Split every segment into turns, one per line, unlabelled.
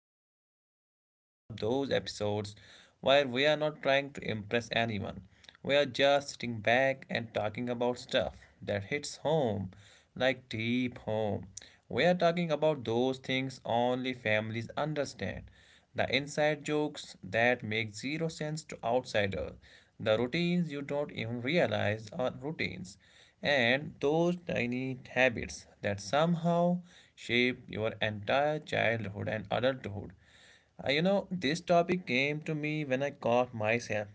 honestly feels like one of those episodes where we are not trying to impress anyone. We are just sitting back and talking about stuff that hits home, like deep home. We are talking about those things only families understand the inside jokes that make zero sense to outsiders, the routines you don't even realize are routines, and those tiny habits that somehow shape your entire childhood and adulthood. This topic came to me when I caught myself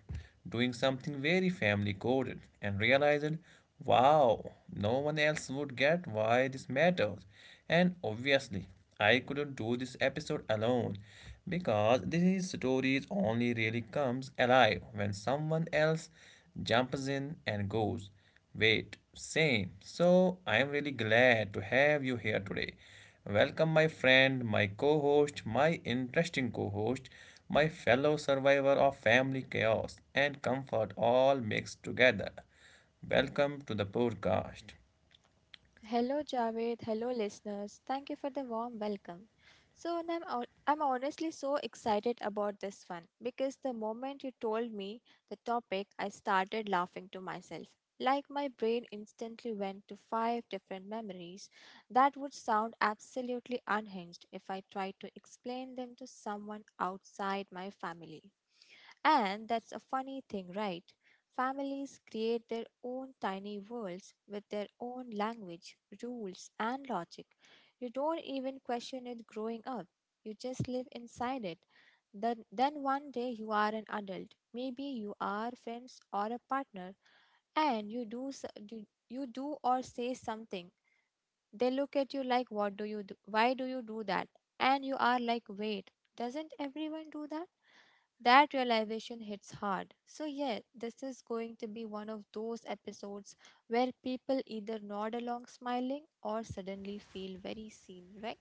doing something very family coded and realized, wow, no one else would get why this matters. And obviously, I couldn't do this episode alone because these stories only really comes alive when someone else jumps in and goes, wait, same. So I am really glad to have you here today. Welcome my friend, my co-host, my interesting co-host, my fellow survivor of family chaos and comfort all mixed together. Welcome to the podcast.
Hello, Javed. Hello, listeners. Thank you for the warm welcome. I'm honestly so excited about this one because the moment you told me the topic, I started laughing to myself. Like my brain instantly went to five different memories that would sound absolutely unhinged if I tried to explain them to someone outside my family. And that's a funny thing, right? Families create their own tiny worlds with their own language, rules, and logic. You don't even question it growing up, you just live inside it. Then one day you are an adult. Maybe you are friends or a partner, and you do or say something. They look at you like, "What do you do? Why do you do that?" And you are like, "Wait, doesn't everyone do that?" That realization hits hard. So, yeah, this is going to be one of those episodes where people either nod along smiling or suddenly feel very seen, right?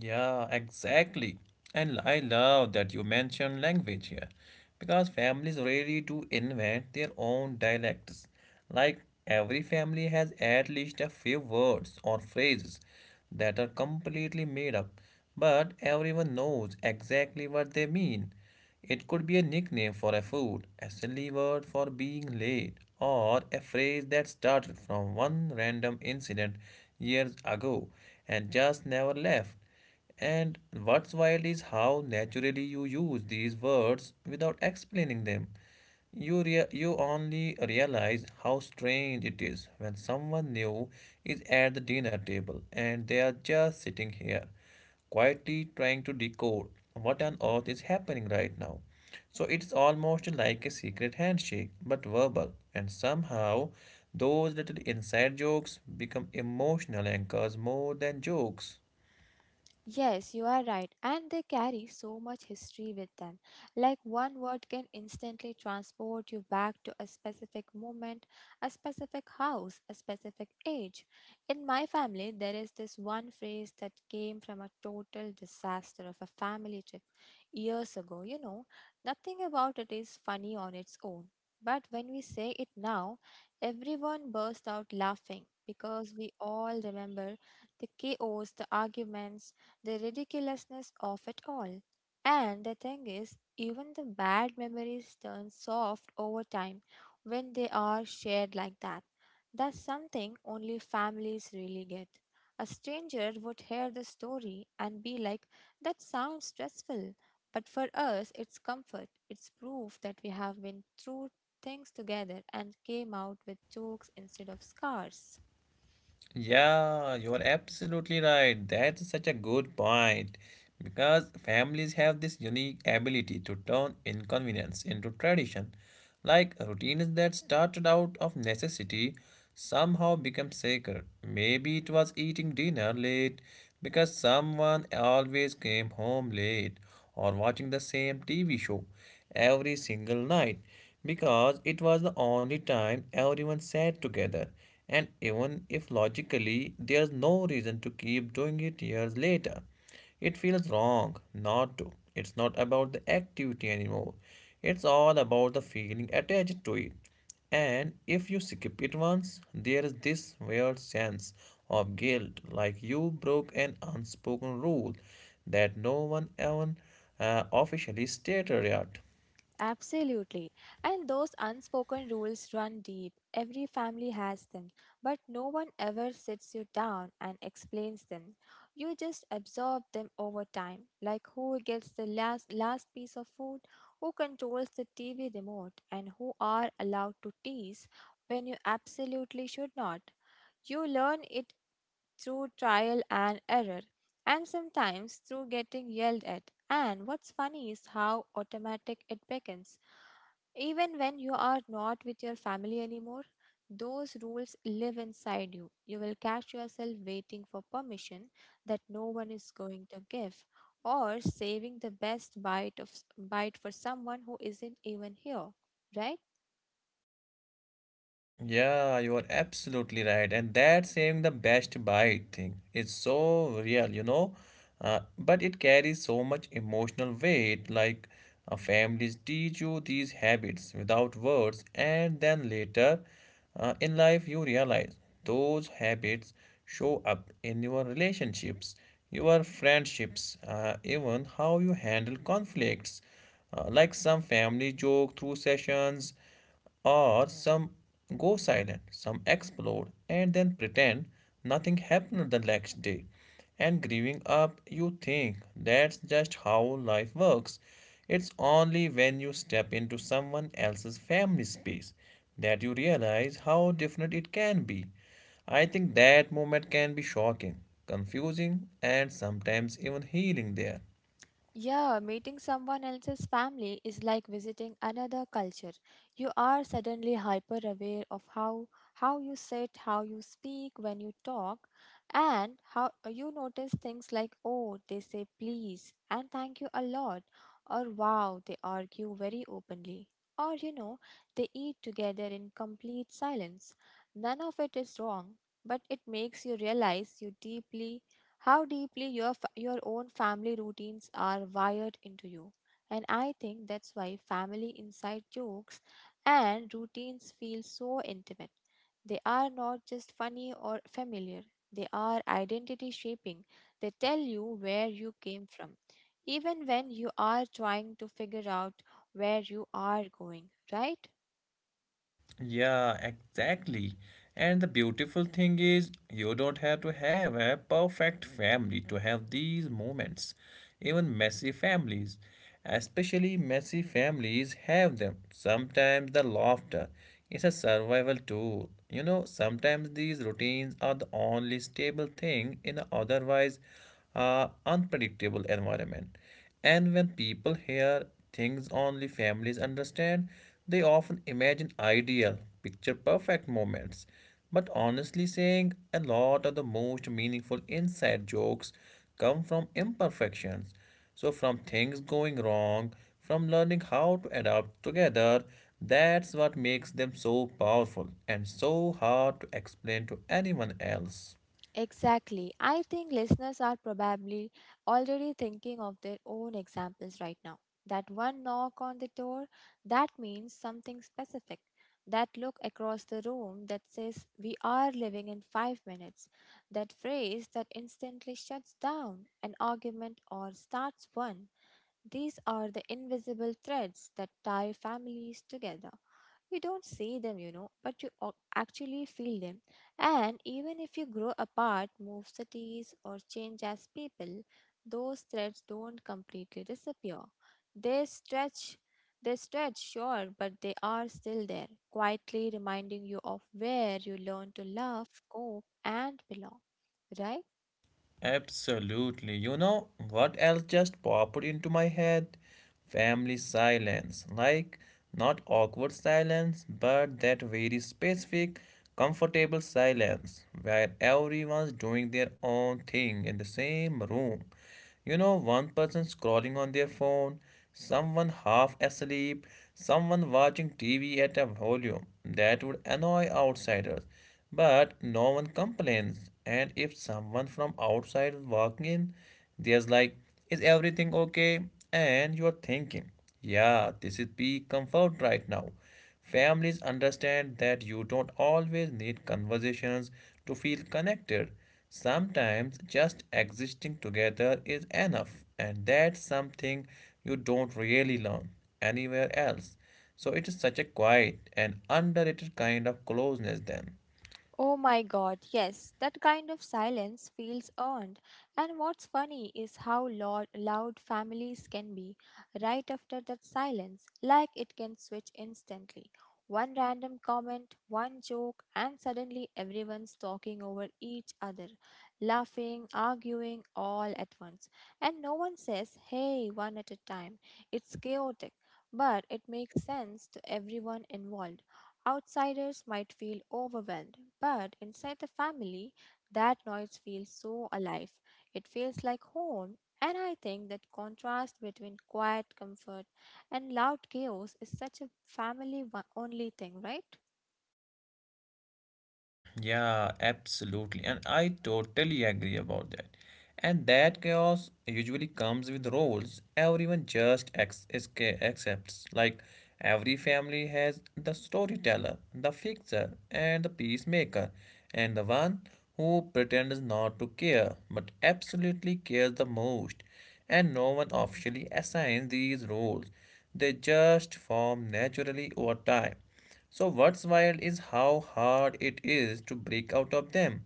Yeah, exactly. And I love that you mentioned language here because families really do invent their own dialects. Like every family has at least a few words or phrases that are completely made up, but everyone knows exactly what they mean. It could be a nickname for a food, a silly word for being late, or a phrase that started from one random incident years ago and just never left. And what's wild is how naturally you use these words without explaining them. You only realize how strange it is when someone new is at the dinner table and they are just sitting here quietly trying to decode what on earth is happening right now. So it's almost like a secret handshake, but verbal, and somehow those little inside jokes become emotional anchors more than jokes.
Yes, you are right. And they carry so much history with them. Like one word can instantly transport you back to a specific moment, a specific house, a specific age. In my family, there is this one phrase that came from a total disaster of a family trip years ago. Nothing about it is funny on its own. But when we say it now, everyone bursts out laughing because we all remember the chaos, the arguments, the ridiculousness of it all. And the thing is, even the bad memories turn soft over time when they are shared like that. That's something only families really get. A stranger would hear the story and be like, that sounds stressful. But for us, it's comfort. It's proof that we have been through things together and came out with jokes instead of scars.
Yeah, you are absolutely right. That's such a good point. Because families have this unique ability to turn inconvenience into tradition. Like routines that started out of necessity somehow become sacred. Maybe it was eating dinner late because someone always came home late, or watching the same TV show every single night because it was the only time everyone sat together. And even if logically there's no reason to keep doing it years later, it feels wrong not to. It's not about the activity anymore. It's all about the feeling attached to it. And if you skip it once, there is this weird sense of guilt, like you broke an unspoken rule that no one even officially stated yet.
Absolutely. And those unspoken rules run deep. Every family has them, but no one ever sits you down and explains them. You just absorb them over time, like who gets the last piece of food, who controls the TV remote, and who are allowed to tease when you absolutely should not. You learn it through trial and error, and sometimes through getting yelled at. And what's funny is how automatic it becomes. Even when you are not with your family anymore, those rules live inside you. You will catch yourself waiting for permission that no one is going to give, or saving the best bite of bite for someone who isn't even here, right?
Yeah, you are absolutely right. And that saying the best bite thing is so real, but it carries so much emotional weight. Like, families teach you these habits without words, and then later in life you realize those habits show up in your relationships, your friendships, even how you handle conflicts. Like some family joke through sessions or some go silent, some explode, and then pretend nothing happened the next day. And growing up, you think that's just how life works. It's only when you step into someone else's family space that you realize how different it can be. I think that moment can be shocking, confusing, and sometimes even healing there.
Yeah, meeting someone else's family is like visiting another culture. You are suddenly hyper aware of how you sit, how you speak when you talk, and how you notice things like, oh, they say please and thank you a lot, or wow, they argue very openly. Or you know, they eat together in complete silence. None of it is wrong, but it makes you realize you deeply how deeply your your own family routines are wired into you. And I think that's why family inside jokes and routines feel so intimate. They are not just funny or familiar, they are identity shaping. They tell you where you came from even when you are trying to figure out where you are going, right?
Yeah, exactly. And the beautiful thing is, you don't have to have a perfect family to have these moments. Even messy families, especially messy families, have them. Sometimes the laughter is a survival tool. You know, sometimes these routines are the only stable thing in an otherwise unpredictable environment. And when people hear things only families understand, they often imagine ideal, picture perfect moments. But honestly saying, a lot of the most meaningful inside jokes come from imperfections. So, from things going wrong, from learning how to adapt together, that's what makes them so powerful and so hard to explain to anyone else.
Exactly. I think listeners are probably already thinking of their own examples right now. That one knock on the door, that means something specific. That look across the room that says, we are living in 5 minutes. That phrase that instantly shuts down an argument or starts one. These are the invisible threads that tie families together. You don't see them, you know, but you ac- actually feel them. And even if you grow apart, move cities, or change as people, those threads don't completely disappear. They stretch, they stretch, sure, but they are still there, quietly reminding you of where you learn to love, cope, and belong, right?
Absolutely. You know what else just popped into my head? Family silence. Like, not awkward silence, but that very specific, comfortable silence where everyone's doing their own thing in the same room. You know, one person scrolling on their phone, someone half asleep, someone watching TV at a volume that would annoy outsiders. But no one complains. And if someone from outside walking in, there's like, is everything okay? And you're thinking, yeah, this is peak comfort right now. Families understand that you don't always need conversations to feel connected. Sometimes just existing together is enough, and that's something you don't really learn anywhere else. So it is such a quiet and underrated kind of closeness then.
Oh my god, yes, that kind of silence feels earned. And what's funny is how loud families can be right after that silence, like it can switch instantly. One random comment, one joke, and suddenly everyone's talking over each other, laughing, arguing, all at once. And no one says, hey, one at a time. It's chaotic, but it makes sense to everyone involved. Outsiders might feel overwhelmed, but inside the family, that noise feels so alive. It feels like home, and I think that contrast between quiet comfort and loud chaos is such a family only thing, right?
Yeah, absolutely. And I totally agree about that. And that chaos usually comes with roles everyone just accepts. Like every family has the storyteller, the fixer, and the peacemaker, and the one who pretends not to care but absolutely cares the most. And no one officially assigns these roles, they just form naturally over time. So, what's wild is how hard it is to break out of them.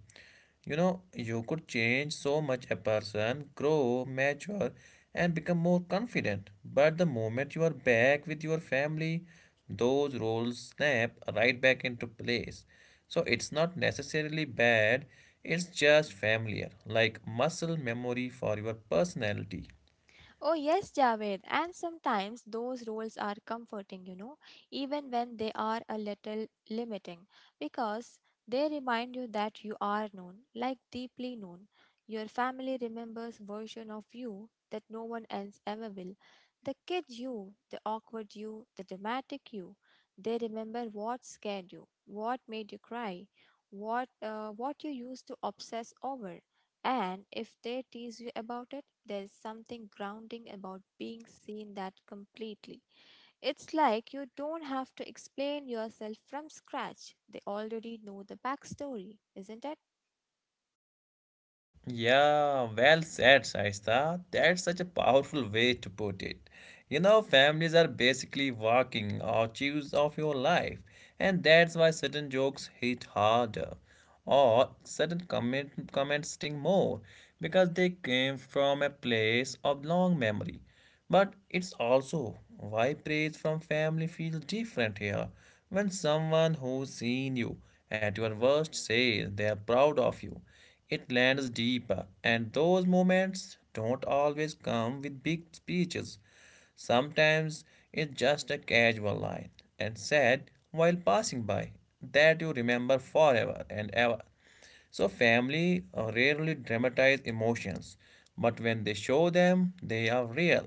You know, you could change so much a person, grow, mature, and become more confident. But the moment you are back with your family, those roles snap right back into place. So it's not necessarily bad, it's just familiar, like muscle memory for your personality.
Oh, yes, Javed. And sometimes those roles are comforting, you know, even when they are a little limiting, because they remind you that you are known, like deeply known. Your family remembers version of you that no one else ever will. The kid you, the awkward you, the dramatic you. They remember what scared you, what made you cry, what you used to obsess over. And if they tease you about it, there is something grounding about being seen that completely. It's like you don't have to explain yourself from scratch. They already know the backstory, isn't it?
Yeah, well said, Shaista. That's such a powerful way to put it. You know, families are basically walking archives of your life, and that's why certain jokes hit harder or certain comments sting more because they came from a place of long memory. But it's also why praise from family feels different here. When someone who's seen you at your worst says they are proud of you, it lands deeper, and those moments don't always come with big speeches. Sometimes it's just a casual line and said while passing by that you remember forever and ever. So, family rarely dramatize emotions, but when they show them, they are real.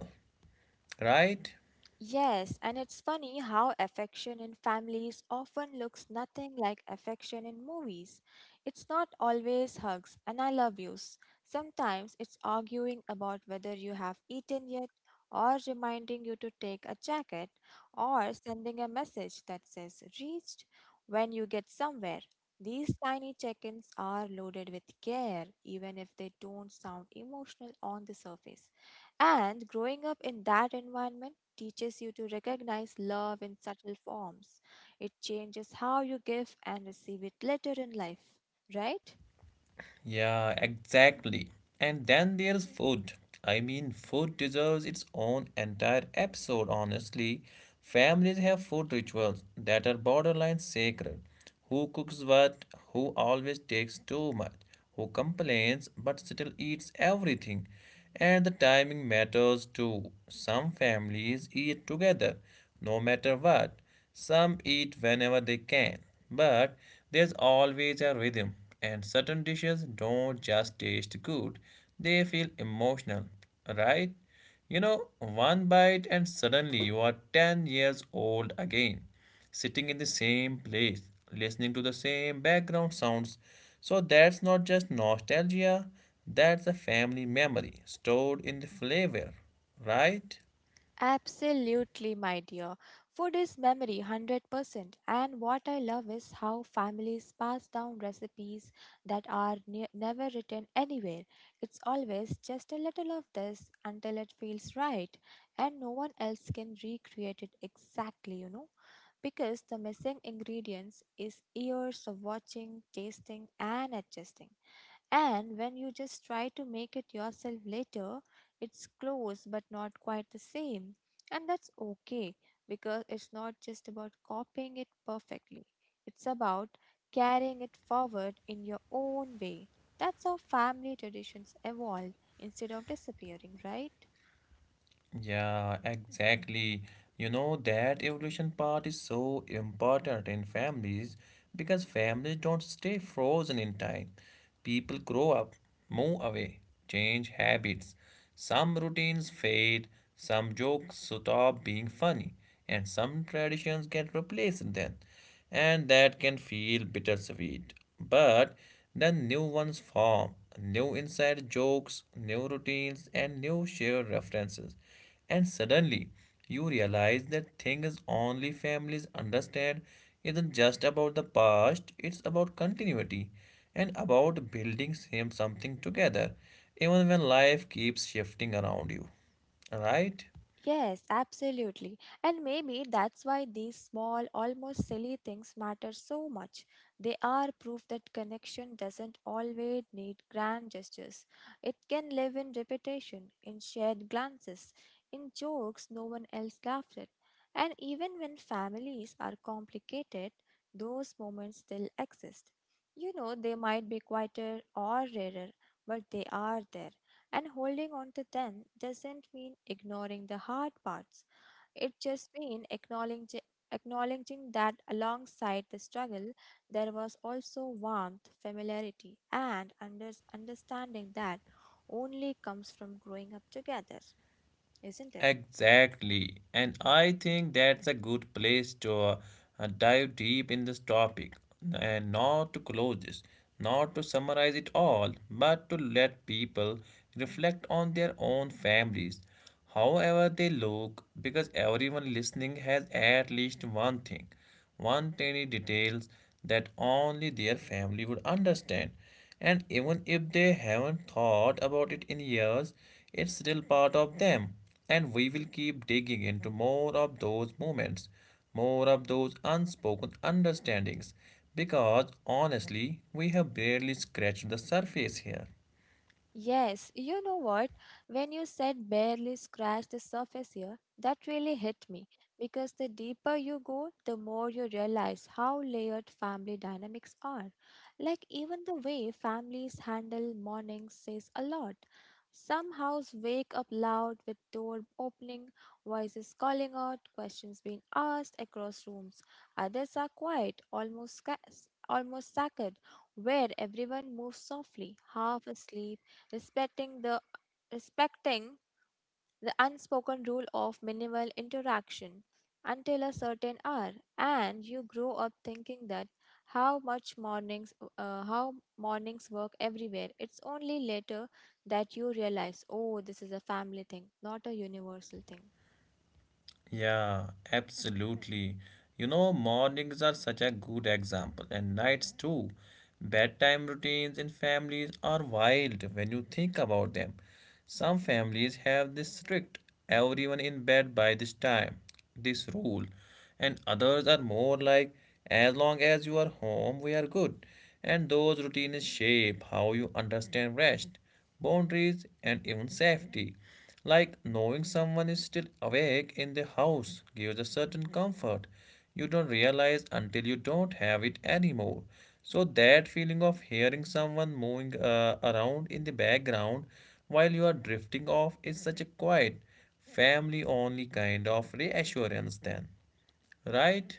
Right?
Yes, and it's funny how affection in families often looks nothing like affection in movies. It's not always hugs and I love yous. Sometimes it's arguing about whether you have eaten yet, or reminding you to take a jacket, or sending a message that says reached when you get somewhere. These tiny check ins are loaded with care, even if they don't sound emotional on the surface. And growing up in that environment teaches you to recognize love in subtle forms. It changes how you give and receive it later in life, right?
Yeah, exactly. And then there's food. I mean, food deserves its own entire episode, honestly. Families have food rituals that are borderline sacred. Who cooks what? Who always takes too much? Who complains but still eats everything? And the timing matters too. Some families eat together, no matter what. Some eat whenever they can. But there's always a rhythm, and certain dishes don't just taste good, they feel emotional, right? You know, one bite and suddenly you are 10 years old again sitting in the same place, listening to the same background sounds. So that's not just nostalgia, that's a family memory stored in the flavor, right?
Absolutely, my dear. Food is memory 100%. And what I love is how families pass down recipes that are never written anywhere. It's always just a little of this until it feels right. And no one else can recreate it exactly, you know. Because the missing ingredients is years of watching, tasting, and adjusting. And when you just try to make it yourself later, it's close but not quite the same. And that's okay because it's not just about copying it perfectly, it's about carrying it forward in your own way. That's how family traditions evolve instead of disappearing, right?
Yeah, exactly. You know, that evolution part is so important in families because families don't stay frozen in time. People grow up, move away, change habits. Some routines fade, some jokes stop being funny, and some traditions get replaced then and that can feel bittersweet. But then new ones form new inside jokes, new routines, and new shared references. And suddenly, you realize that things only families understand isn't just about the past, it's about continuity and about building same something together, even when life keeps shifting around you. Right?
Yes, absolutely. And maybe that's why these small, almost silly things matter so much. They are proof that connection doesn't always need grand gestures. It can live in repetition, in shared glances, in jokes no one else laughed at. And even when families are complicated, those moments still exist. You know, they might be quieter or rarer, but they are there. And holding on to them doesn't mean ignoring the hard parts. It just means acknowledging that alongside the struggle, there was also warmth, familiarity, and understanding that only comes from growing up together, isn't it?
Exactly. And I think that's a good place to dive deep in this topic and not to close this, not to summarize it all, but to let people reflect on their own families, however they look, because everyone listening has at least one thing one tiny details that only their family would understand. And even if they haven't thought about it in years, it's still part of them. And we will keep digging into more of those moments, more of those unspoken understandings, because honestly, we have barely scratched the surface here.
Yes, you know what? When you said barely scratch the surface here, that really hit me because the deeper you go, the more you realize how layered family dynamics are. Like, even the way families handle mornings says a lot. Some houses wake up loud with door opening, voices calling out, questions being asked across rooms. Others are quiet, almost sacred, where everyone moves softly, half asleep, respecting the respecting the unspoken rule of minimal interaction until a certain hour. And you grow up thinking that how mornings work everywhere. It's only later that you realize, oh, this is a family thing, not a universal thing.
Yeah, absolutely. You know, mornings are such a good example, and nights too. Bedtime routines in families are wild when you think about them. Some families have this strict everyone in bed by this time, this rule, and others are more like as long as you are home, we are good. And those routines shape how you understand rest, boundaries, and even safety. Like knowing someone is still awake in the house gives a certain comfort you don't realize until you don't have it anymore. So, that feeling of hearing someone moving around in the background while you are drifting off is such a quiet, family only kind of reassurance, then, right?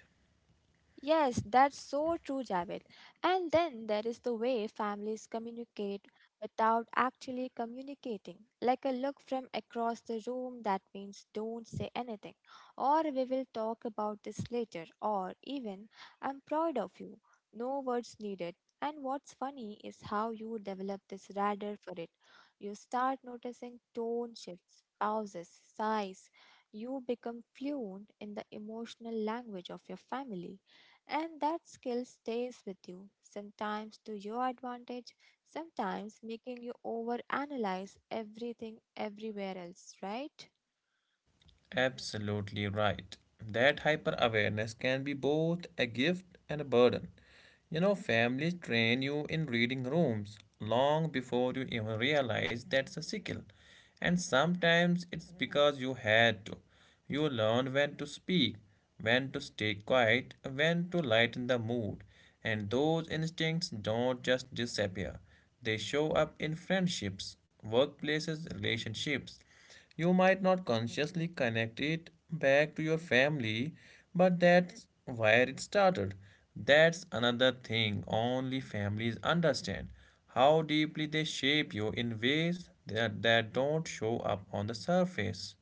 Yes, that's so true, Javed. And then there is the way families communicate without actually communicating. Like a look from across the room that means don't say anything, or we will talk about this later, or even I'm proud of you. No words needed. And what's funny is how you develop this radar for it. You start noticing tone shifts, pauses, sighs. You become fluent in the emotional language of your family. And that skill stays with you, sometimes to your advantage, sometimes making you overanalyze everything everywhere else, right?
Absolutely right. That hyper awareness can be both a gift and a burden. You know, families train you in reading rooms long before you even realize that's a skill. And sometimes it's because you had to. You learn when to speak, when to stay quiet, when to lighten the mood. And those instincts don't just disappear, they show up in friendships, workplaces, relationships. You might not consciously connect it back to your family, but that's where it started. That's another thing only families understand how deeply they shape you in ways that don't show up on the surface.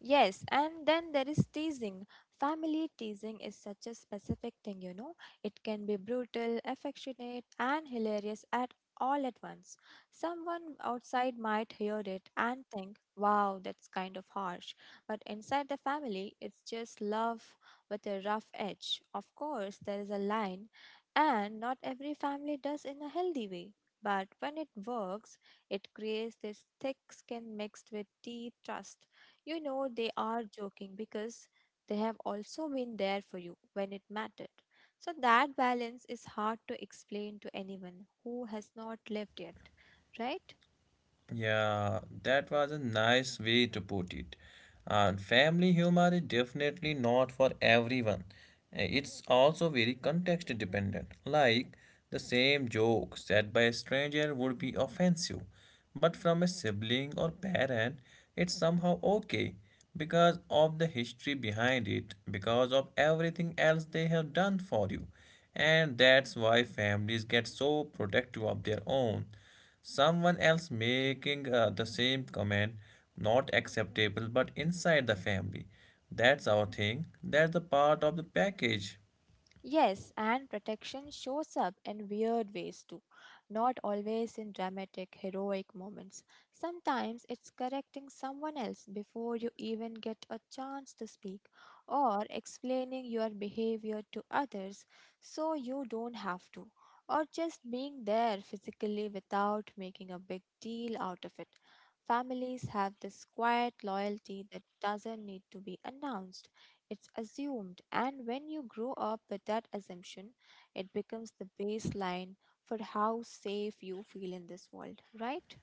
Yes, and then there is teasing. Family teasing is such a specific thing, you know. It can be brutal, affectionate, and hilarious at all at once. Someone outside might hear it and think, wow, that's kind of harsh. But inside the family, it's just love with a rough edge. Of course, there is a line, and not every family does in a healthy way. But when it works, it creates this thick skin mixed with deep trust. You know they are joking because they have also been there for you when it mattered. So that balance is hard to explain to anyone who has not lived yet, right?
Yeah, that was a nice way to put it. And family humor is definitely not for everyone. It's also very context dependent. Like the same joke said by a stranger would be offensive, but from a sibling or parent, it's somehow okay because of the history behind it, because of everything else they have done for you. And that's why families get so protective of their own. Someone else making the same comment, not acceptable, but inside the family, that's our thing, that's the part of the package.
Yes, and protection shows up in weird ways too, not always in dramatic, heroic moments. Sometimes it's correcting someone else before you even get a chance to speak, or explaining your behavior to others so you don't have to, or just being there physically without making a big deal out of it. Families have this quiet loyalty that doesn't need to be announced it's assumed, and when you grow up with that assumption, it becomes the baseline for how safe you feel in this world, right?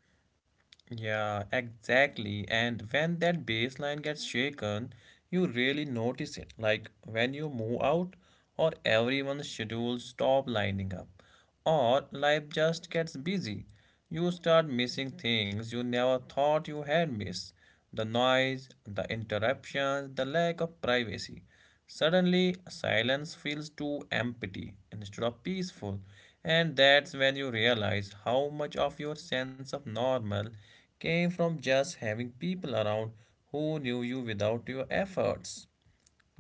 Yeah, exactly. And when that baseline gets shaken, you really notice it. Like when you move out, or everyone's schedules stop lining up, or life just gets busy. You start missing things you never thought you had missed. The noise, the interruptions, the lack of privacy. Suddenly, silence feels too empty instead of peaceful, and that's when you realize how much of your sense of normal came from just having people around who knew you without your efforts,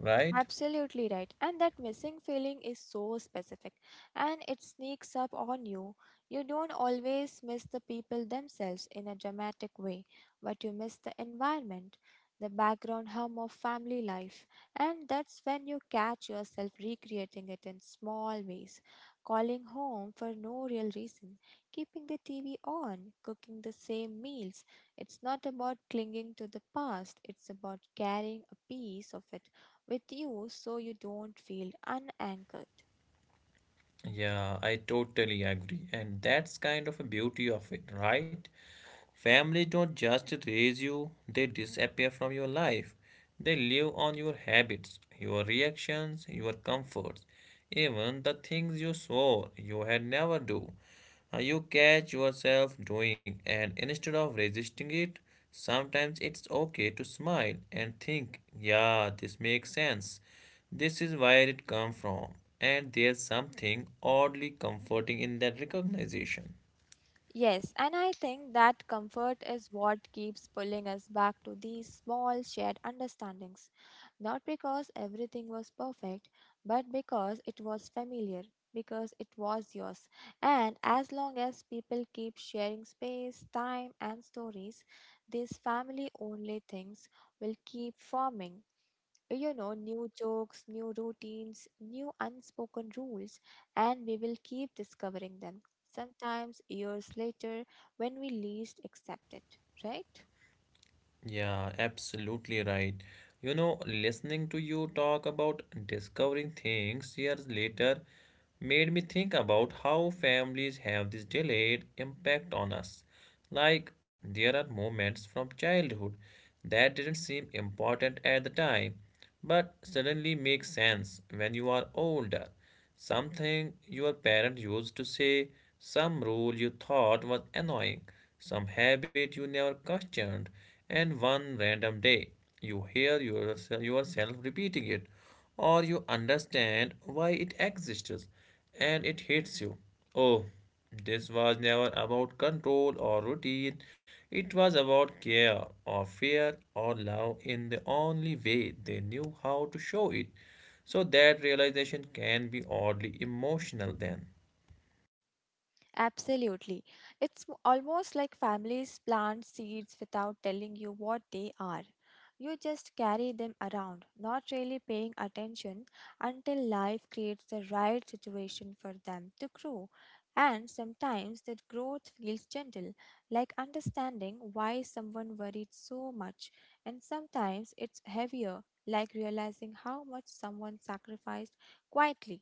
right?
Absolutely right. And that missing feeling is so specific and it sneaks up on you. You don't always miss the people themselves in a dramatic way, but you miss the environment, the background hum of family life. And that's when you catch yourself recreating it in small ways calling home for no real reason, keeping the TV on, cooking the same meals. It's not about clinging to the past, it's about carrying a piece of it with you so you don't feel unanchored.
Yeah, I totally agree, and that's kind of a beauty of it, right? Family don't just raise you, they disappear from your life. They live on your habits, your reactions, your comforts, even the things you swore you had never do. You catch yourself doing, and instead of resisting it, sometimes it's okay to smile and think, yeah, this makes sense. This is where it comes from. And there's something oddly comforting in that recognition.
Yes, and I think that comfort is what keeps pulling us back to these small shared understandings. Not because everything was perfect, but because it was familiar, because it was yours. And as long as people keep sharing space, time, and stories, these family only things will keep forming new jokes, new routines, new unspoken rules, and we will keep discovering them, sometimes years later when we least expect it, right?
Yeah, absolutely right. You know, listening to you talk about discovering things years later made me think about how families have this delayed impact on us. Like, there are moments from childhood that didn't seem important at the time but suddenly makes sense when you are older. Something your parent used to say, some rule you thought was annoying, some habit you never questioned, and one random day you hear yourself repeating it, or you understand why it exists and it hits you. Oh, this was never about control or routine, it was about care or fear or love in the only way they knew how to show it. So, that realization can be oddly emotional then.
Absolutely. It's almost like families plant seeds without telling you what they are. You just carry them around, not really paying attention until life creates the right situation for them to grow. And sometimes that growth feels gentle, like understanding why someone worried so much. And sometimes it's heavier, like realizing how much someone sacrificed quietly.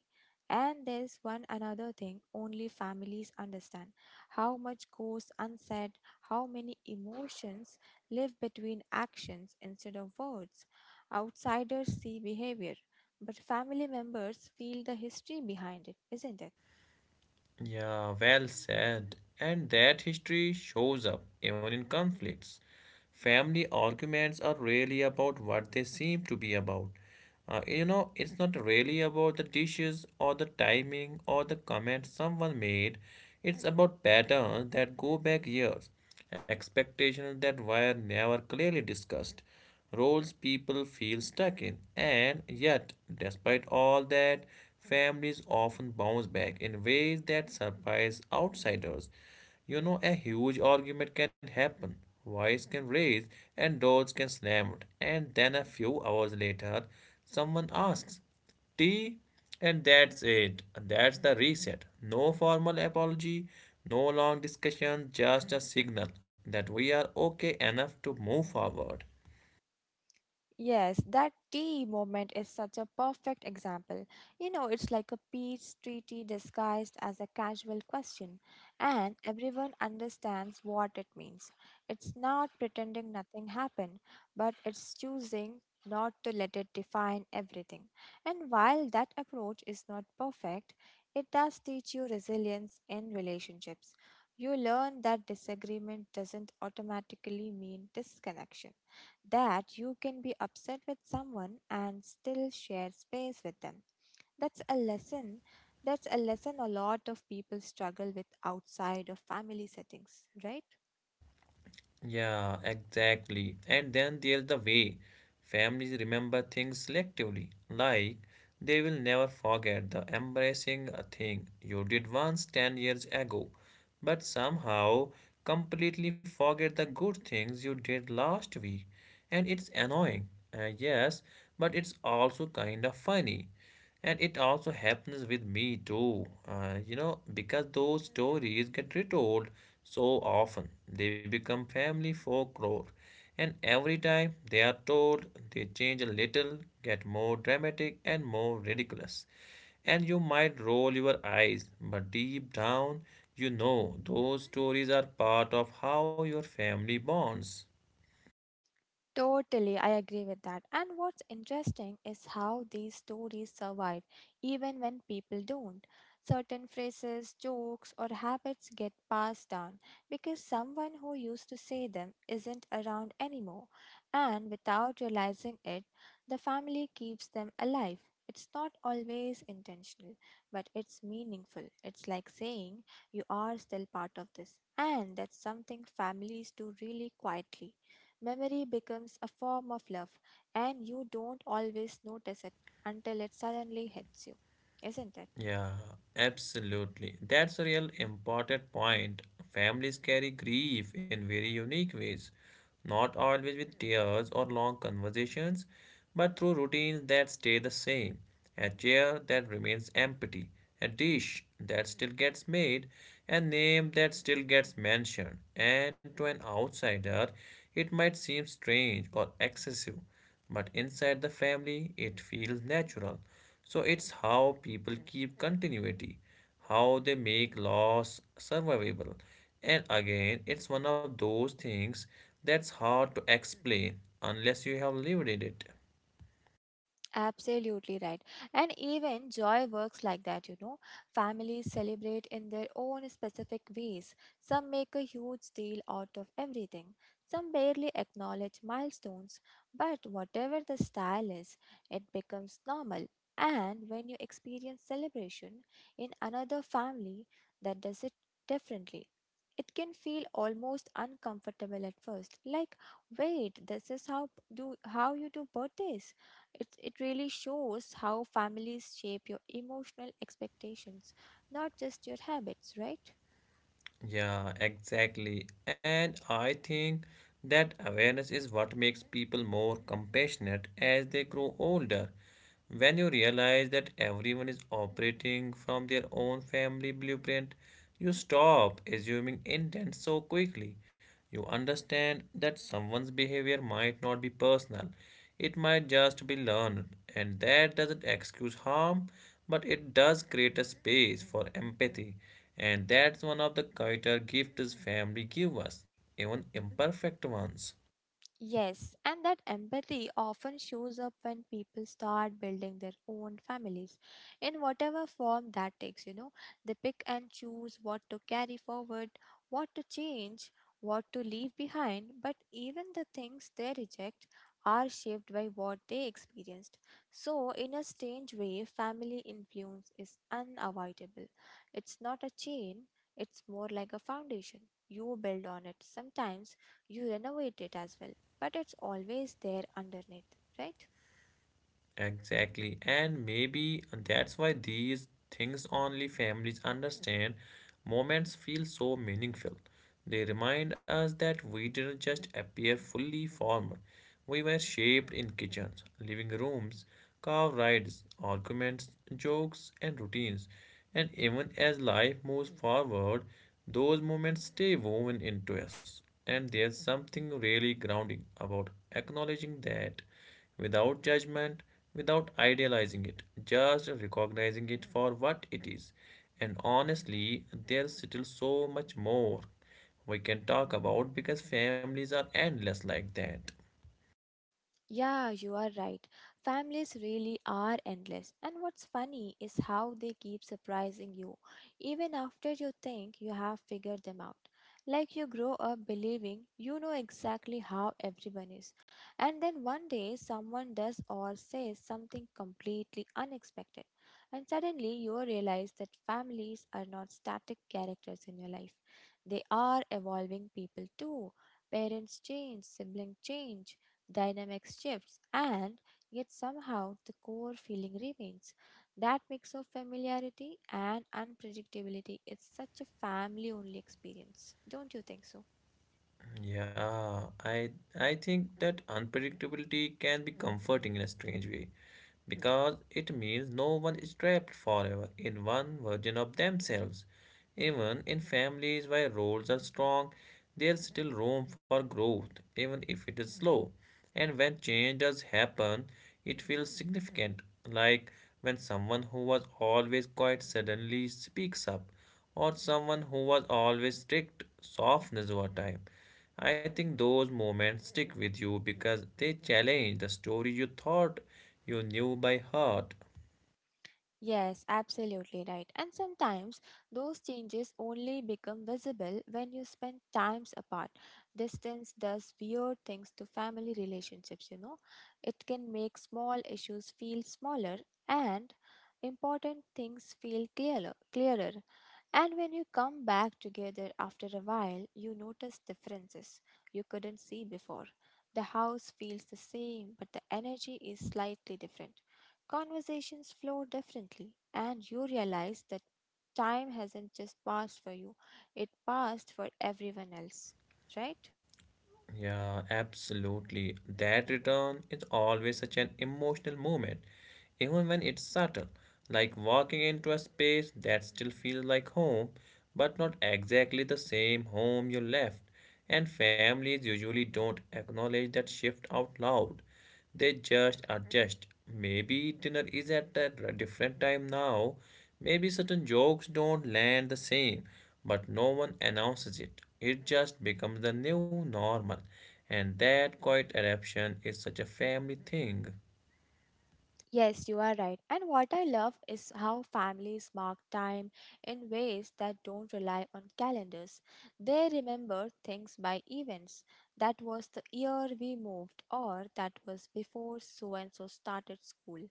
And there's one another thing only families understand how much goes unsaid, how many emotions live between actions instead of words. Outsiders see behavior, but family members feel the history behind it, isn't it?
Yeah, well said. And that history shows up even in conflicts. Family arguments are really about what they seem to be about. You know, it's not really about the dishes or the timing or the comment someone made. It's about patterns that go back years, expectations that were never clearly discussed, roles people feel stuck in. And yet, despite all that, families often bounce back in ways that surprise outsiders. You know, a huge argument can happen, voice can raise, and doors can slam. It. And then a few hours later, someone asks, tea, and that's it. That's the reset. No formal apology, no long discussion, just a signal that we are okay enough to move forward.
Yes, that tea moment is such a perfect example. It's like a peace treaty disguised as a casual question, and everyone understands what it means. It's not pretending nothing happened, but it's choosing not to let it define everything. And while that approach is not perfect, it does teach you resilience in relationships. You learn that disagreement doesn't automatically mean disconnection that you can be upset with someone and still share space with them. That's a lesson. That's a lesson a lot of people struggle with outside of family settings, right?
Yeah, exactly. And then there's the way families remember things selectively. Like, they will never forget the embarrassing thing you did once 10 years ago, but somehow completely forget the good things you did last week. And it's annoying, yes, but it's also kind of funny. And it also happens with me too, you know, because those stories get retold so often, they become family folklore. And every time they are told, they change a little, get more dramatic and more ridiculous. And you might roll your eyes, but deep down, you know those stories are part of how your family bonds.
Totally, I agree with that. And what's interesting is how these stories survive even when people don't. Certain phrases, jokes, or habits get passed down because someone who used to say them isn't around anymore. And without realizing it, the family keeps them alive. It's not always intentional, but it's meaningful. It's like saying you are still part of this. And that's something families do really quietly. Memory becomes a form of love, and you don't always notice it until it suddenly hits you, isn't it?
Yeah, absolutely. That's a real important point. Families carry grief in very unique ways, not always with tears or long conversations, but through routines that stay the same, a chair that remains empty, a dish that still gets made, a name that still gets mentioned. And to an outsider, it might seem strange or excessive, but inside the family, it feels natural. So it's how people keep continuity, how they make loss survivable. And again, it's one of those things that's hard to explain unless you have lived in it.
Absolutely right. And even joy works like that. Families celebrate in their own specific ways. Some make a huge deal out of everything, some barely acknowledge milestones. But whatever the style is, it becomes normal. And when you experience celebration in another family that does it differently, it can feel almost uncomfortable at first. Like, wait, this is how you do birthdays it really shows how families shape your emotional expectations, not just your habits, right?
Yeah, exactly. And I think that awareness is what makes people more compassionate as they grow older. When you realize that everyone is operating from their own family blueprint, you stop assuming intent so quickly. You understand that someone's behavior might not be personal, it might just be learned, and that doesn't excuse harm, but it does create a space for empathy, and that's one of the quieter gifts family give us, even imperfect ones.
Yes, and that empathy often shows up when people start building their own families in whatever form that takes. They pick and choose what to carry forward, what to change, what to leave behind, but even the things they reject are shaped by what they experienced. So, in a strange way, family influence is unavoidable. It's not a chain, it's more like a foundation. You build on it. Sometimes you renovate it as well, but it's always there underneath, right?
Exactly. And maybe that's why these things only families understand. Moments feel so meaningful. They remind us that we didn't just appear fully formed. We were shaped in kitchens, living rooms, car rides, arguments, jokes, and routines. And even as life moves forward, those moments stay woven into us. And there's something really grounding about acknowledging that without judgment, without idealizing it, just recognizing it for what it is. And honestly, there's still so much more we can talk about because families are endless like that.
Yeah, you are right. Families really are endless. And what's funny is how they keep surprising you, even after you think you have figured them out. Like you grow up believing you know exactly how everyone is. And then one day someone does or says something completely unexpected. And suddenly you realize that families are not static characters in your life, they are evolving people too. Parents change, siblings change dynamics shifts, and yet somehow the core feeling remains. That mix of familiarity and unpredictability is such a family only experience, don't you think so?
Yeah, I think that unpredictability can be comforting in a strange way because it means no one is trapped forever in one version of themselves. Even in families where roles are strong, there's still room for growth, even if it is slow. And when change does happen, it feels significant, like when someone who was always quiet suddenly speaks up, or someone who was always strict softens over time. I think those moments stick with you because they challenge the story you thought you knew by heart.
Yes, absolutely right. And sometimes those changes only become visible when you spend times apart. Distance does weird things to family relationships. It can make small issues feel smaller and important things feel clearer. And when you come back together after a while, you notice differences you couldn't see before. The house feels the same, but the energy is slightly different. Conversations flow differently, and you realize that time hasn't just passed for you, it passed for everyone else, right?
Yeah, absolutely. That return is always such an emotional moment, even when it's subtle, like walking into a space that still feels like home, but not exactly the same home you left. And families usually don't acknowledge that shift out loud. They just adjust. Maybe dinner is at a different time now. Maybe certain jokes don't land the same, but no one announces it. It just becomes the new normal. And that quiet adaptation is such a family thing.
Yes, you are right. And what I love is how families mark time in ways that don't rely on calendars. They remember things by events. That was the year we moved, or that was before so and so started school,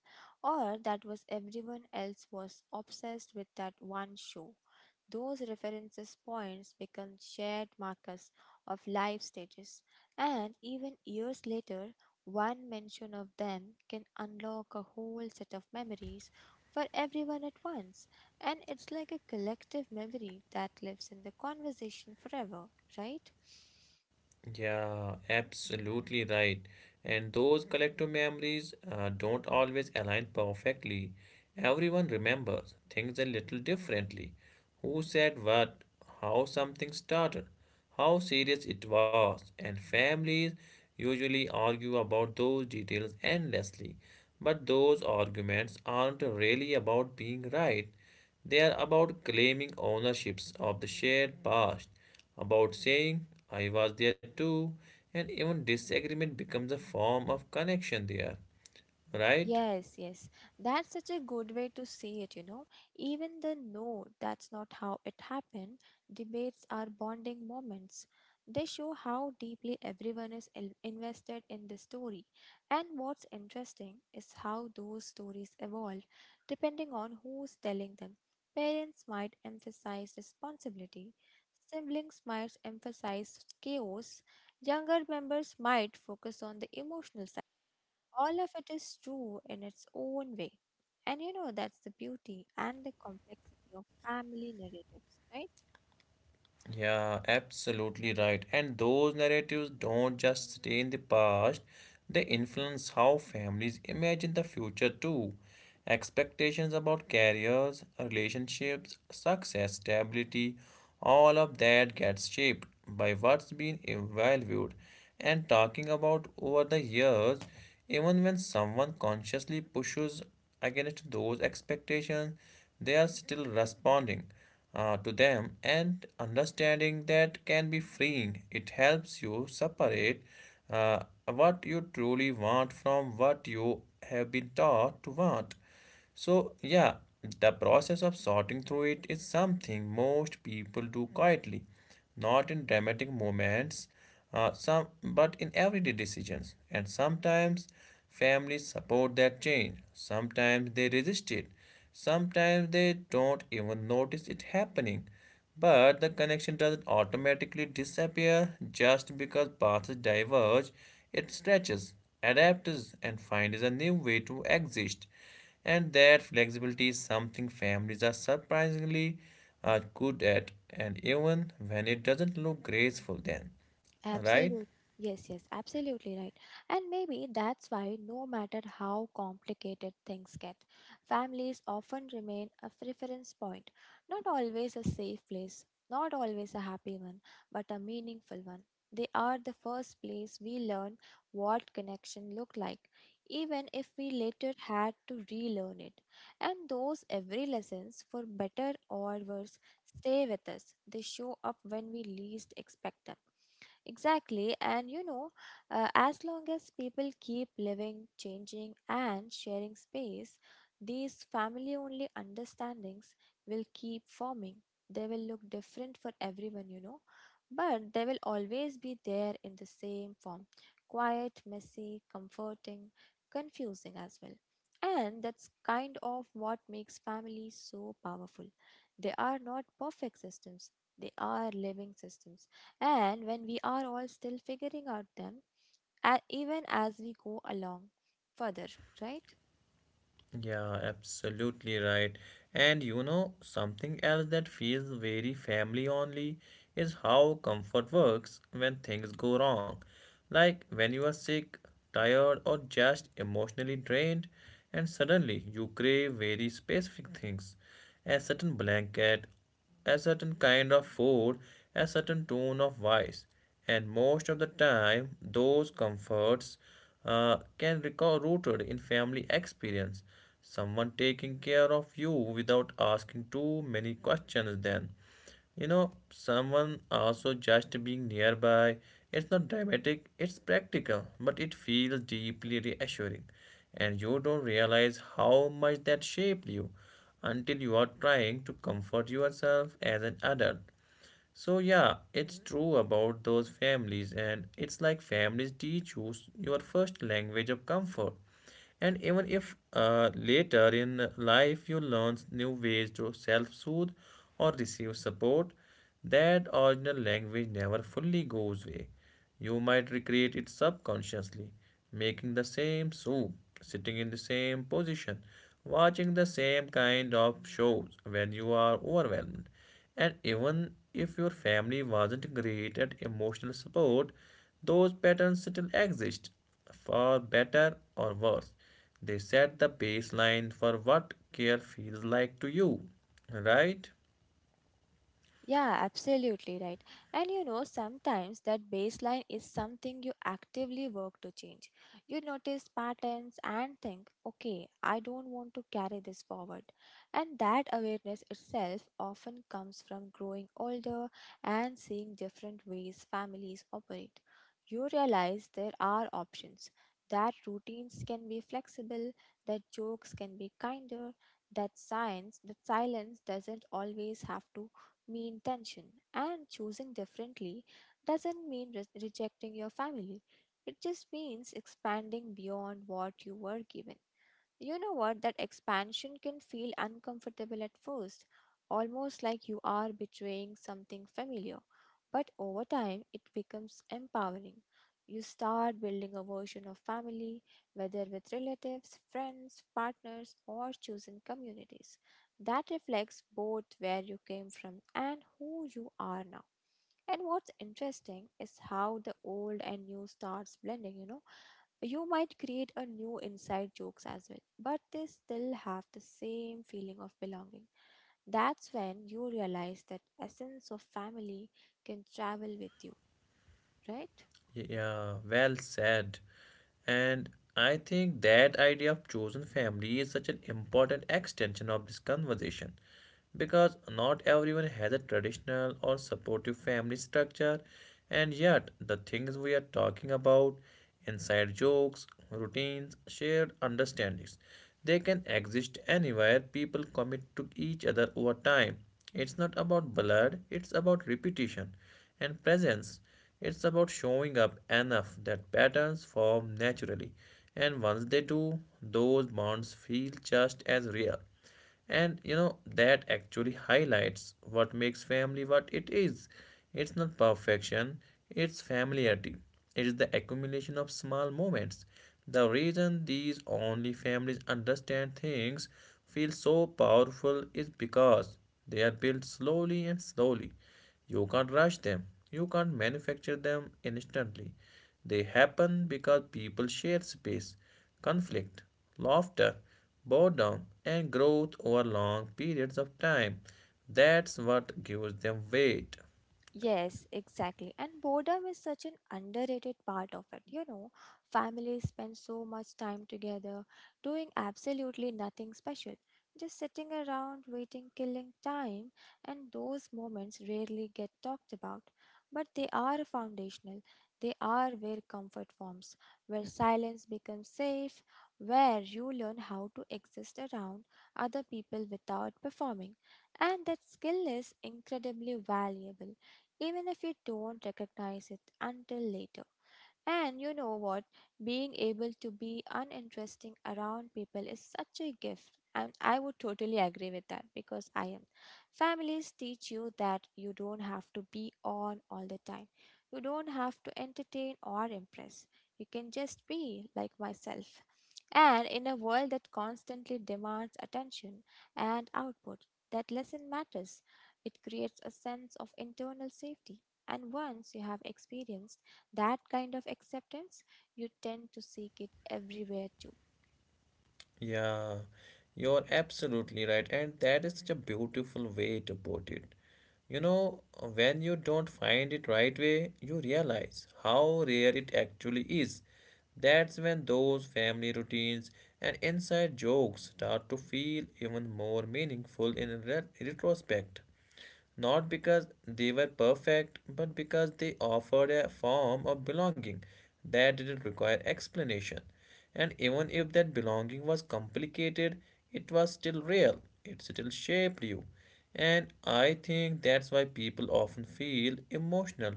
or that was everyone else was obsessed with that one show. Those references points become shared markers of life stages, and even years later, one mention of them can unlock a whole set of memories for everyone at once. And it's like a collective memory that lives in the conversation forever, right?
Yeah, absolutely right. And those collective memories don't always align perfectly. Everyone remembers things a little differently. Who said what, how something started, how serious it was, and families usually argue about those details endlessly. But those arguments aren't really about being right. They are about claiming ownerships of the shared past, about saying, I was there too, and even disagreement becomes a form of connection there, right?
Yes, yes. That's such a good way to see it. Even the no, that's not how it happened, debates are bonding moments. They show how deeply everyone is invested in the story. And what's interesting is how those stories evolve depending on who's telling them. Parents might emphasize responsibility, siblings might emphasize chaos, younger members might focus on the emotional all of it is true in its own way. And that's the beauty and the complexity of family narratives, right?
Yeah, absolutely right. And those narratives don't just stay in the past, they influence how families imagine the future too. Expectations about careers, relationships, success, stability, all of that gets shaped by what's been evaluated and talking about over the years, even when someone consciously pushes against those expectations, they are still responding to them, and understanding that can be freeing. It helps you separate what you truly want from what you have been taught to want. So, yeah, the process of sorting through it is something most people do quietly, not in dramatic moments, but in everyday decisions. And sometimes families support that change, sometimes they resist it, sometimes they don't even notice it happening. But the connection doesn't automatically disappear just because paths diverge, it stretches, adapts, and finds a new way to exist. And that flexibility is something families are surprisingly good at, and even when it doesn't look graceful, then, right?
Absolutely. Yes, yes, absolutely right. And maybe that's why, no matter how complicated things get, families often remain a reference point. Not always a safe place, not always a happy one, but a meaningful one. They are the first place we learn what connection look like, even if we later had to relearn it. And those every lessons, for better or worse, stay with us. They show up when we least expect them. Exactly, and as long as people keep living, changing, and sharing space, these family only understandings will keep forming. They will look different for everyone, but they will always be there in the same form quiet, messy, comforting, confusing as well. And that's kind of what makes families so powerful. They are not perfect systems, they are living systems and when we are all still figuring out them, even as we go along further, right?
Yeah, absolutely right. And you know, something else that feels very family only is how comfort works when things go wrong. Like when you are sick, tired, or just emotionally drained, and suddenly you crave very specific things: a certain blanket, a certain kind of food, a certain tone of voice, and most of the time those comforts can recall rooted in family experience, someone taking care of you without asking too many questions then, you know, someone also just being nearby. It's not dramatic, it's practical, but it feels deeply reassuring. And you don't realize how much that shaped you until you are trying to comfort yourself as an adult. So yeah, it's true about those families, and it's like families teach you your first language of comfort. And even if later in life you learn new ways to self soothe or receive support, that original language never fully goes away. You might recreate it subconsciously, making the same soup, sitting in the same position, watching the same kind of shows when you are overwhelmed. And even if your family wasn't great at emotional support, those patterns still exist, for better or worse. They set the baseline for what care feels like to you, right?
Yeah, absolutely right. And sometimes that baseline is something you actively work to change. You notice patterns and think, okay, I don't want to carry this forward. And that awareness itself often comes from growing older and seeing different ways families operate. You realize there are options, that routines can be flexible, that jokes can be kinder, that silence doesn't always have to mean tension, and choosing differently doesn't mean rejecting your family. It just means expanding beyond what you were given. You know what? That expansion can feel uncomfortable at first, almost like you are betraying something familiar. But over time, it becomes empowering. You start building a version of family, whether with relatives, friends, partners, or chosen communities, that reflects both where you came from and who you are now. And what's interesting is how the old and new starts blending, you might create a new inside jokes as well, but they still have the same feeling of belonging. That's when you realize that essence of family can travel with you, right?
Yeah, well said. And I think that idea of chosen family is such an important extension of this conversation because not everyone has a traditional or supportive family structure, and yet the things we are talking about, inside jokes, routines, shared understandings, they can exist anywhere people commit to each other over time. It's not about blood, it's about repetition and presence. It's about showing up enough that patterns form naturally, and once they do, those bonds feel just as real. And you know, that actually highlights what makes family what it is. It's not perfection, it's familiarity. It is the accumulation of small moments. The reason these only families understand things feel so powerful is because they are built slowly and slowly. You can't rush them. You can't manufacture them instantly. They happen because people share space, conflict, laughter, boredom, and growth over long periods of time. That's what gives them weight.
Yes, exactly. And boredom is such an underrated part of it. Families spend so much time together doing absolutely nothing special, just sitting around waiting, killing time, and those moments rarely get talked about. But they are foundational. They are where comfort forms, where silence becomes safe, where you learn how to exist around other people without performing. And that skill is incredibly valuable even if you don't recognize it until later. And you know what? Being able to be uninteresting around people is such a gift. And I would totally agree with that because I am. Families teach you that you don't have to be on all the time. You don't have to entertain or impress. You can just be like myself. And in a world that constantly demands attention and output, that lesson matters. It creates a sense of internal safety. And once you have experienced that kind of acceptance, you tend to seek it everywhere too.
Yeah, you're absolutely right. And that is such a beautiful way to put it. You know, when you don't find it right way, you realize how rare it actually is. That's when those family routines and inside jokes start to feel even more meaningful in retrospect, not because they were perfect, but because they offered a form of belonging that didn't require explanation. And even if that belonging was complicated, it was still real, it still shaped you. And I think that's why people often feel emotional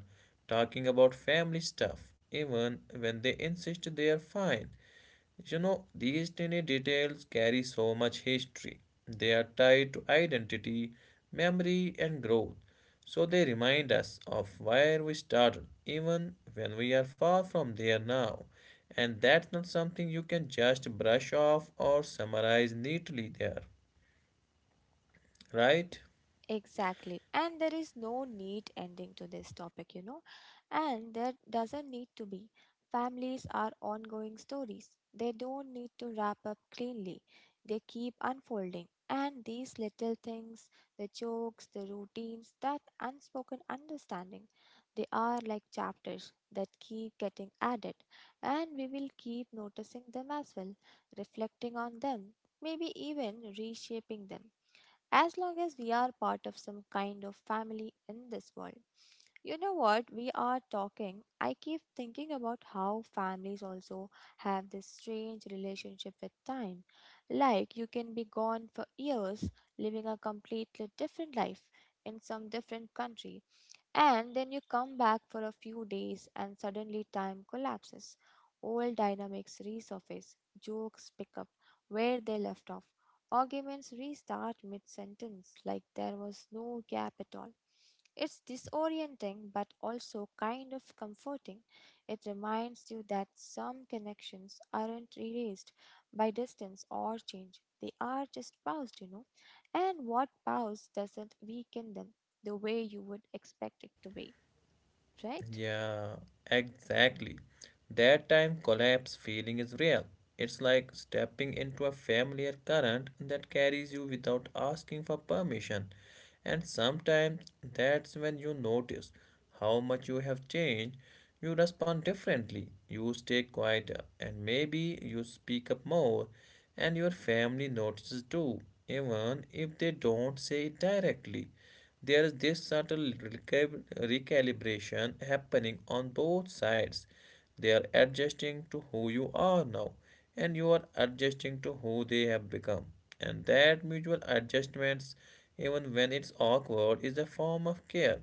talking about family stuff, even when they insist they are fine. You know, these tiny details carry so much history. They are tied to identity, memory, and growth. So they remind us of where we started, even when we are far from there now. And that's not something you can just brush off or summarize neatly there, right?
Exactly. And there is no neat ending to this topic. And there doesn't need to be. Families are ongoing stories. They don't need to wrap up cleanly. They keep unfolding. And these little things, the jokes, the routines, that unspoken understanding, they are like chapters that keep getting added. And we will keep noticing them as well, reflecting on them, maybe even reshaping them as long as we are part of some kind of family in this world. You know what? We are talking. I keep thinking about how families also have this strange relationship with time. Like, you can be gone for years, living a completely different life in some different country and then you come back for a few days and suddenly time collapses. Old dynamics resurface, jokes pick up where they left off, arguments restart mid sentence like there was no gap at all. It's disorienting but also kind of comforting. It reminds you that some connections aren't erased by distance or change, they are just paused, you know. And what pause doesn't weaken them the way you would expect it to be, right?
Yeah, exactly. That time collapse feeling is real. It's like stepping into a familiar current that carries you without asking for permission. And sometimes that's when you notice how much you have changed. You respond differently, you stay quieter, and maybe you speak up more, and your family notices too, even if they don't say it directly. There is this subtle recalibration happening on both sides. They are adjusting to who you are now, and you are adjusting to who they have become. And that mutual adjustments, even when it's awkward, is a form of care.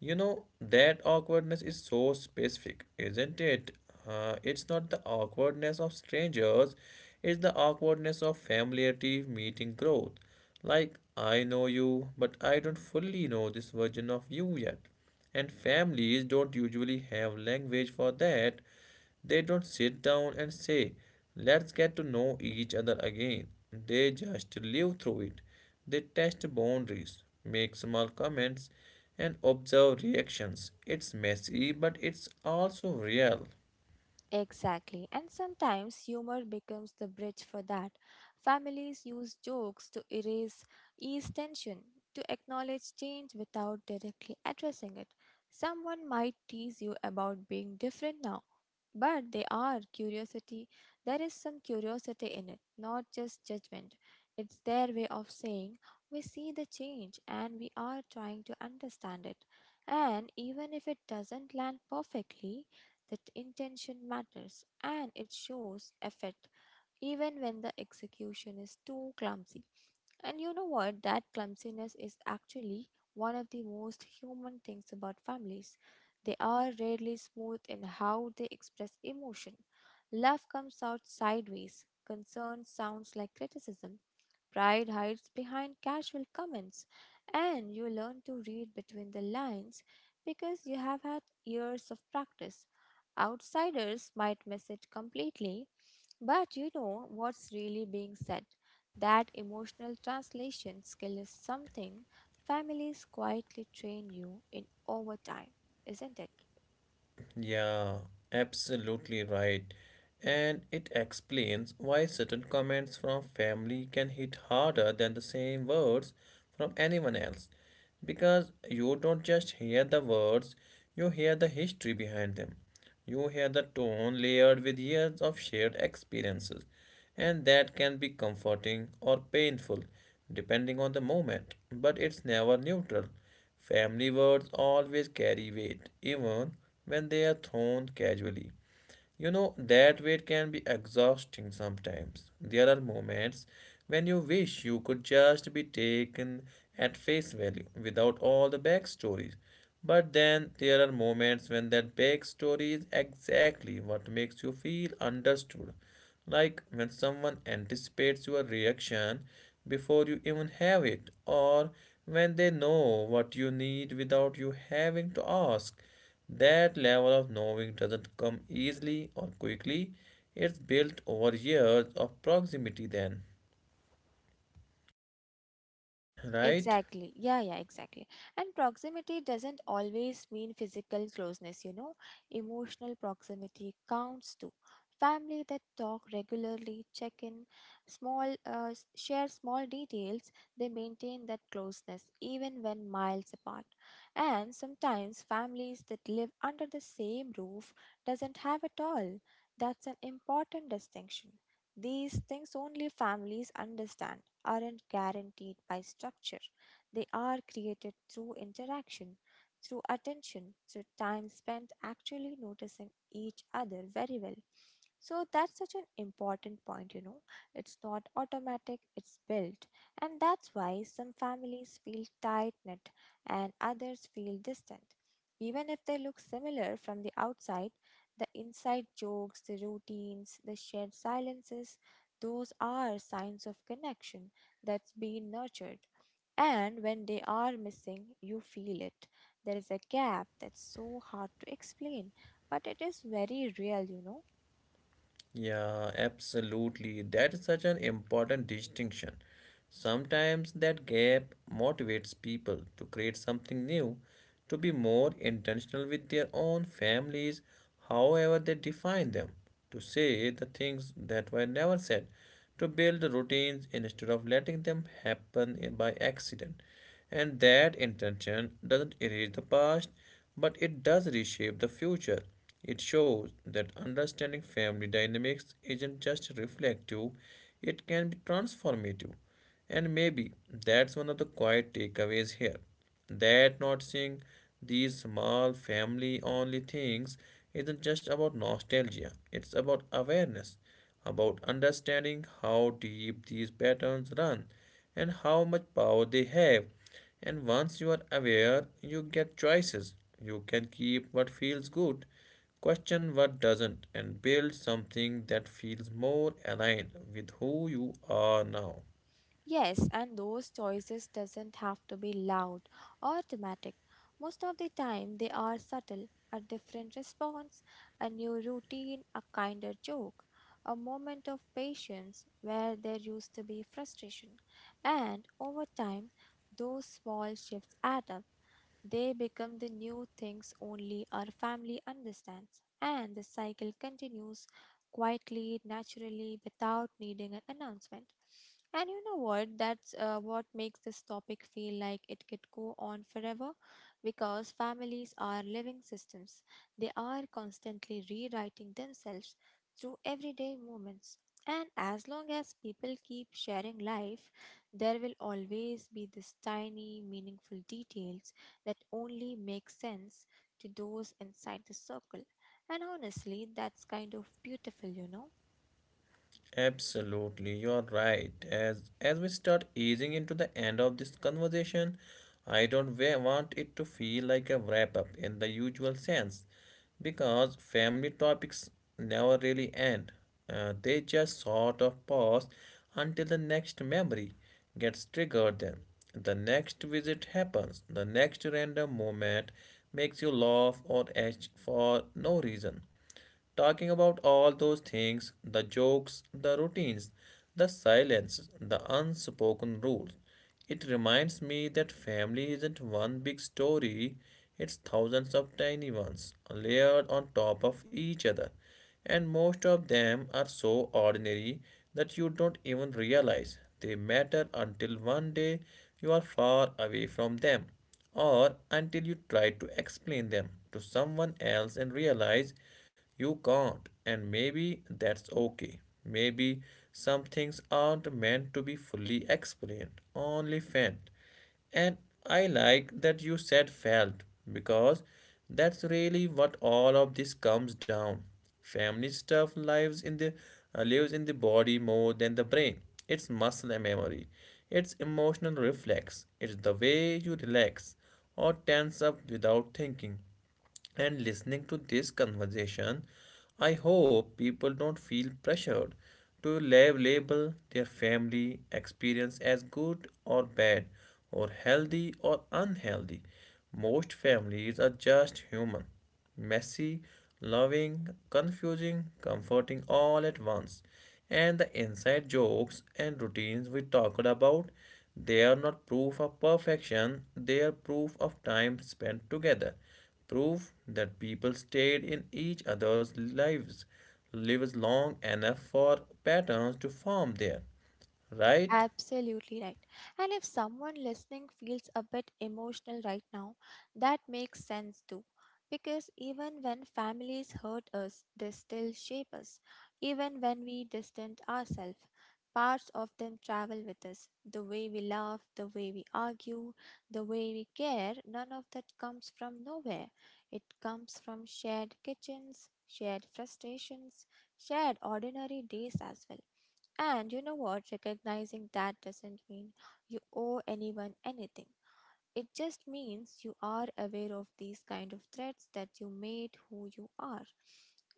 You know, that awkwardness is so specific, isn't it? It's not the awkwardness of strangers, it's the awkwardness of familiarity meeting growth. Like, I know you, but I don't fully know this version of you yet. And families don't usually have language for that. They don't sit down and say, let's get to know each other again. They just live through it. They test boundaries, make small comments, and observe reactions. It's messy, but it's also real.
Exactly, and sometimes humor becomes the bridge for that. Families use jokes to erase ease tension, to acknowledge change without directly addressing it. Someone might tease you about being different now, but they are curiosity. There is some curiosity in it, not just judgment. It's their way of saying, we see the change and we are trying to understand it. And even if it doesn't land perfectly, that intention matters and it shows effect even when the execution is too clumsy. And you know what? That clumsiness is actually one of the most human things about families. They are rarely smooth in how they express emotion. Love comes out sideways. Concern sounds like criticism. Pride hides behind casual comments, and you learn to read between the lines because you have had years of practice. Outsiders might miss it completely, but you know what's really being said. That emotional translation skill is something families quietly train you in over time, isn't it?
Yeah, absolutely right, and it explains why certain comments from family can hit harder than the same words from anyone else, because you don't just hear the words, you hear the history behind them, you hear the tone layered with years of shared experiences, and that can be comforting or painful depending on the moment, but it's never neutral. Family words always carry weight even when they are thrown casually. You know, that wait can be exhausting sometimes. There are moments when you wish you could just be taken at face value without all the backstories. But then there are moments when that backstory is exactly what makes you feel understood, like when someone anticipates your reaction before you even have it, or when they know what you need without you having to ask. That level of knowing doesn't come easily or quickly, it's built over years of proximity, then, right?
Exactly. Yeah, yeah, exactly. And proximity doesn't always mean physical closeness, you know. Emotional proximity counts too. Family that talk regularly, check in, small, share small details, they maintain that closeness even when miles apart. And sometimes families that live under the same roof doesn't have at all. That's an important distinction. These things only families understand aren't guaranteed by structure. They are created through interaction, through attention, through time spent actually noticing each other very well. So that's such an important point, you know. It's not automatic, it's built. And that's why some families feel tight knit and others feel distant. Even if they look similar from the outside, the inside jokes, the routines, the shared silences, those are signs of connection that's been nurtured. And when they are missing, you feel it. There is a gap that's so hard to explain, but it is very real, you know.
Yeah, absolutely. That is such an important distinction. Sometimes that gap motivates people to create something new, to be more intentional with their own families, however they define them, to say the things that were never said, to build routines instead of letting them happen by accident. And that intention doesn't erase the past, but it does reshape the future. It shows that understanding family dynamics isn't just reflective, it can be transformative. And maybe that's one of the quiet takeaways here, that not seeing these small family only things isn't just about nostalgia, it's about awareness, about understanding how deep these patterns run and how much power they have. And once you are aware, you get choices. You can keep what feels good, question what doesn't, and build something that feels more aligned with who you are now.
Yes, and those choices doesn't have to be loud or dramatic. Most of the time they are subtle, a different response, a new routine, a kinder joke, a moment of patience where there used to be frustration. And over time, those small shifts add up. They become the new things only our family understands, and the cycle continues quietly, naturally, without needing an announcement. And you know what? That's what makes this topic feel like it could go on forever because families are living systems. They are constantly rewriting themselves through everyday moments. And as long as people keep sharing life, there will always be this tiny, meaningful details that only makes sense to those inside the circle. And honestly, that's kind of beautiful, you know.
Absolutely, you're right. As we start easing into the end of this conversation, I don't want it to feel like a wrap up in the usual sense, because family topics never really end. They just sort of pause until the next memory gets triggered. Then the next visit happens. The next random moment makes you laugh or edge for no reason. Talking about all those things, the jokes, the routines, the silence, the unspoken rules, it reminds me that family isn't one big story, it's thousands of tiny ones layered on top of each other. And most of them are so ordinary that you don't even realize they matter until one day you are far away from them, or until you try to explain them to someone else and realize you can't. And maybe that's okay. Maybe some things aren't meant to be fully explained, only felt. And I like that you said felt, because that's really what all of this comes down. Family stuff lives in the lives in the body more than the brain. It's muscle and memory. It's emotional reflex. It's the way you relax or tense up without thinking. And listening to this conversation, I hope people don't feel pressured to label their family experience as good or bad, or healthy or unhealthy. Most families are just human, messy, loving, confusing, comforting all at once. And the inside jokes and routines we talked about, they are not proof of perfection, they are proof of time spent together. Proof that people stayed in each other's lives, lives long enough for patterns to form there. Right?
Absolutely right. And if someone listening feels a bit emotional right now, that makes sense too. Because even when families hurt us, they still shape us. Even when we distance ourselves, parts of them travel with us. The way we laugh, the way we argue, the way we care, none of that comes from nowhere. It comes from shared kitchens, shared frustrations, shared ordinary days as well. And you know what? Recognizing that doesn't mean you owe anyone anything. It just means you are aware of these kind of threats that you made who you are.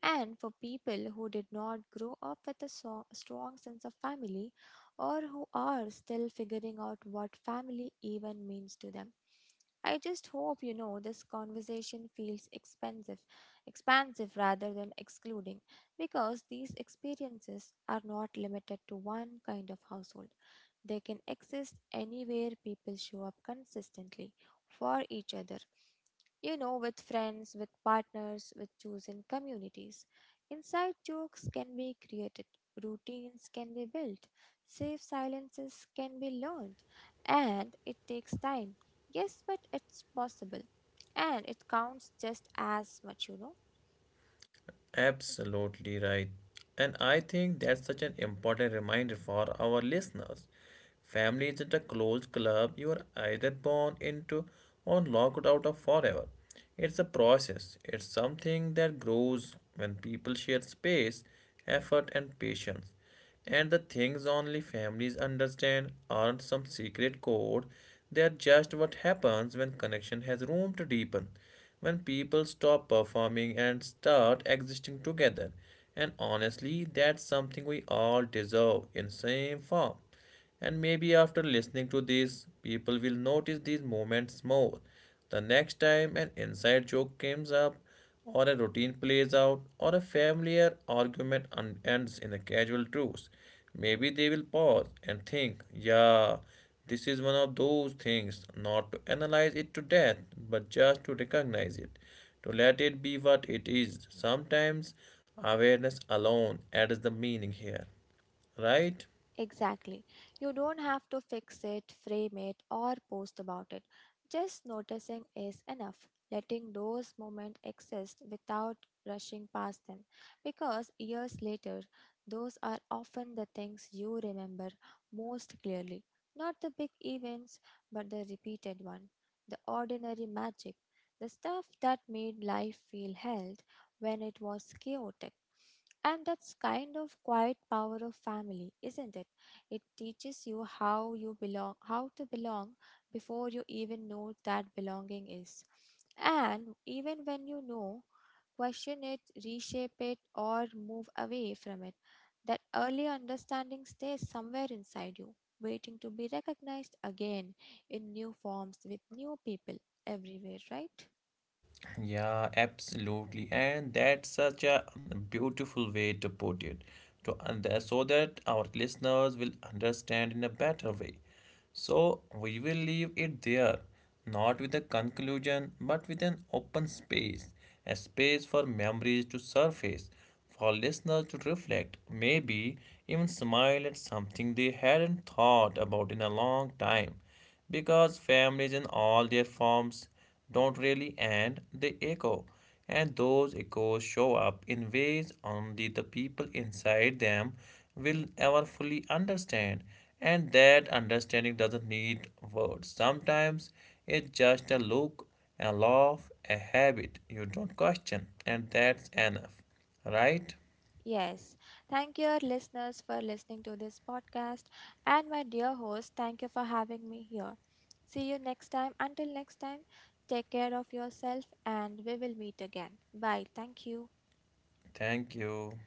And for people who did not grow up with a strong sense of family or who are still figuring out what family even means to them, I just hope you know this conversation feels expensive, expansive rather than excluding, because these experiences are not limited to one kind of household. They can exist anywhere people show up consistently for each other, you know, with friends, with partners, with chosen communities. Inside jokes can be created, routines can be built, safe silences can be learned, and it takes time. Yes, but it's possible, and it counts just as much, you know.
Absolutely right. And I think that's such an important reminder for our listeners. Family isn't a closed club you are either born into or locked out of forever. It's a process, it's something that grows when people share space, effort, and patience. And the things only families understand aren't some secret code, they are just what happens when connection has room to deepen, when people stop performing and start existing together. And honestly, that's something we all deserve in same form. And maybe after listening to this, people will notice these moments more. The next time an inside joke comes up, or a routine plays out, or a familiar argument ends in a casual truce, maybe they will pause and think, yeah, this is one of those things, not to analyze it to death, but just to recognize it, to let it be what it is. Sometimes awareness alone adds the meaning here, right?
Exactly. You don't have to fix it, frame it, or post about it. Just noticing is enough. Letting those moments exist without rushing past them. Because years later, those are often the things you remember most clearly. Not the big events, but the repeated one. The ordinary magic. The stuff that made life feel held when it was chaotic. And that's kind of quiet power of family, isn't it? It teaches you how you belong, how to belong before you even know that belonging is. And even when you know, question it, reshape it, or move away from it. That early understanding stays somewhere inside you, waiting to be recognized again in new forms with new people everywhere, right?
Yeah, absolutely. And that's such a beautiful way to put it. To and so that our listeners will understand in a better way. So we will leave it there, not with a conclusion, but with an open space, a space for memories to surface, for listeners to reflect, maybe even smile at something they hadn't thought about in a long time, because families in all their forms don't really end, they echo, and those echoes show up in ways only the people inside them will ever fully understand. And that understanding doesn't need words. Sometimes it's just a look, a laugh, a habit you don't question, and that's enough. Right?
Yes. Thank you, our listeners, for listening to this podcast. And my dear host, thank you for having me here. See you next time. Until next time, take care of yourself and we will meet again. Bye. Thank you.
Thank you.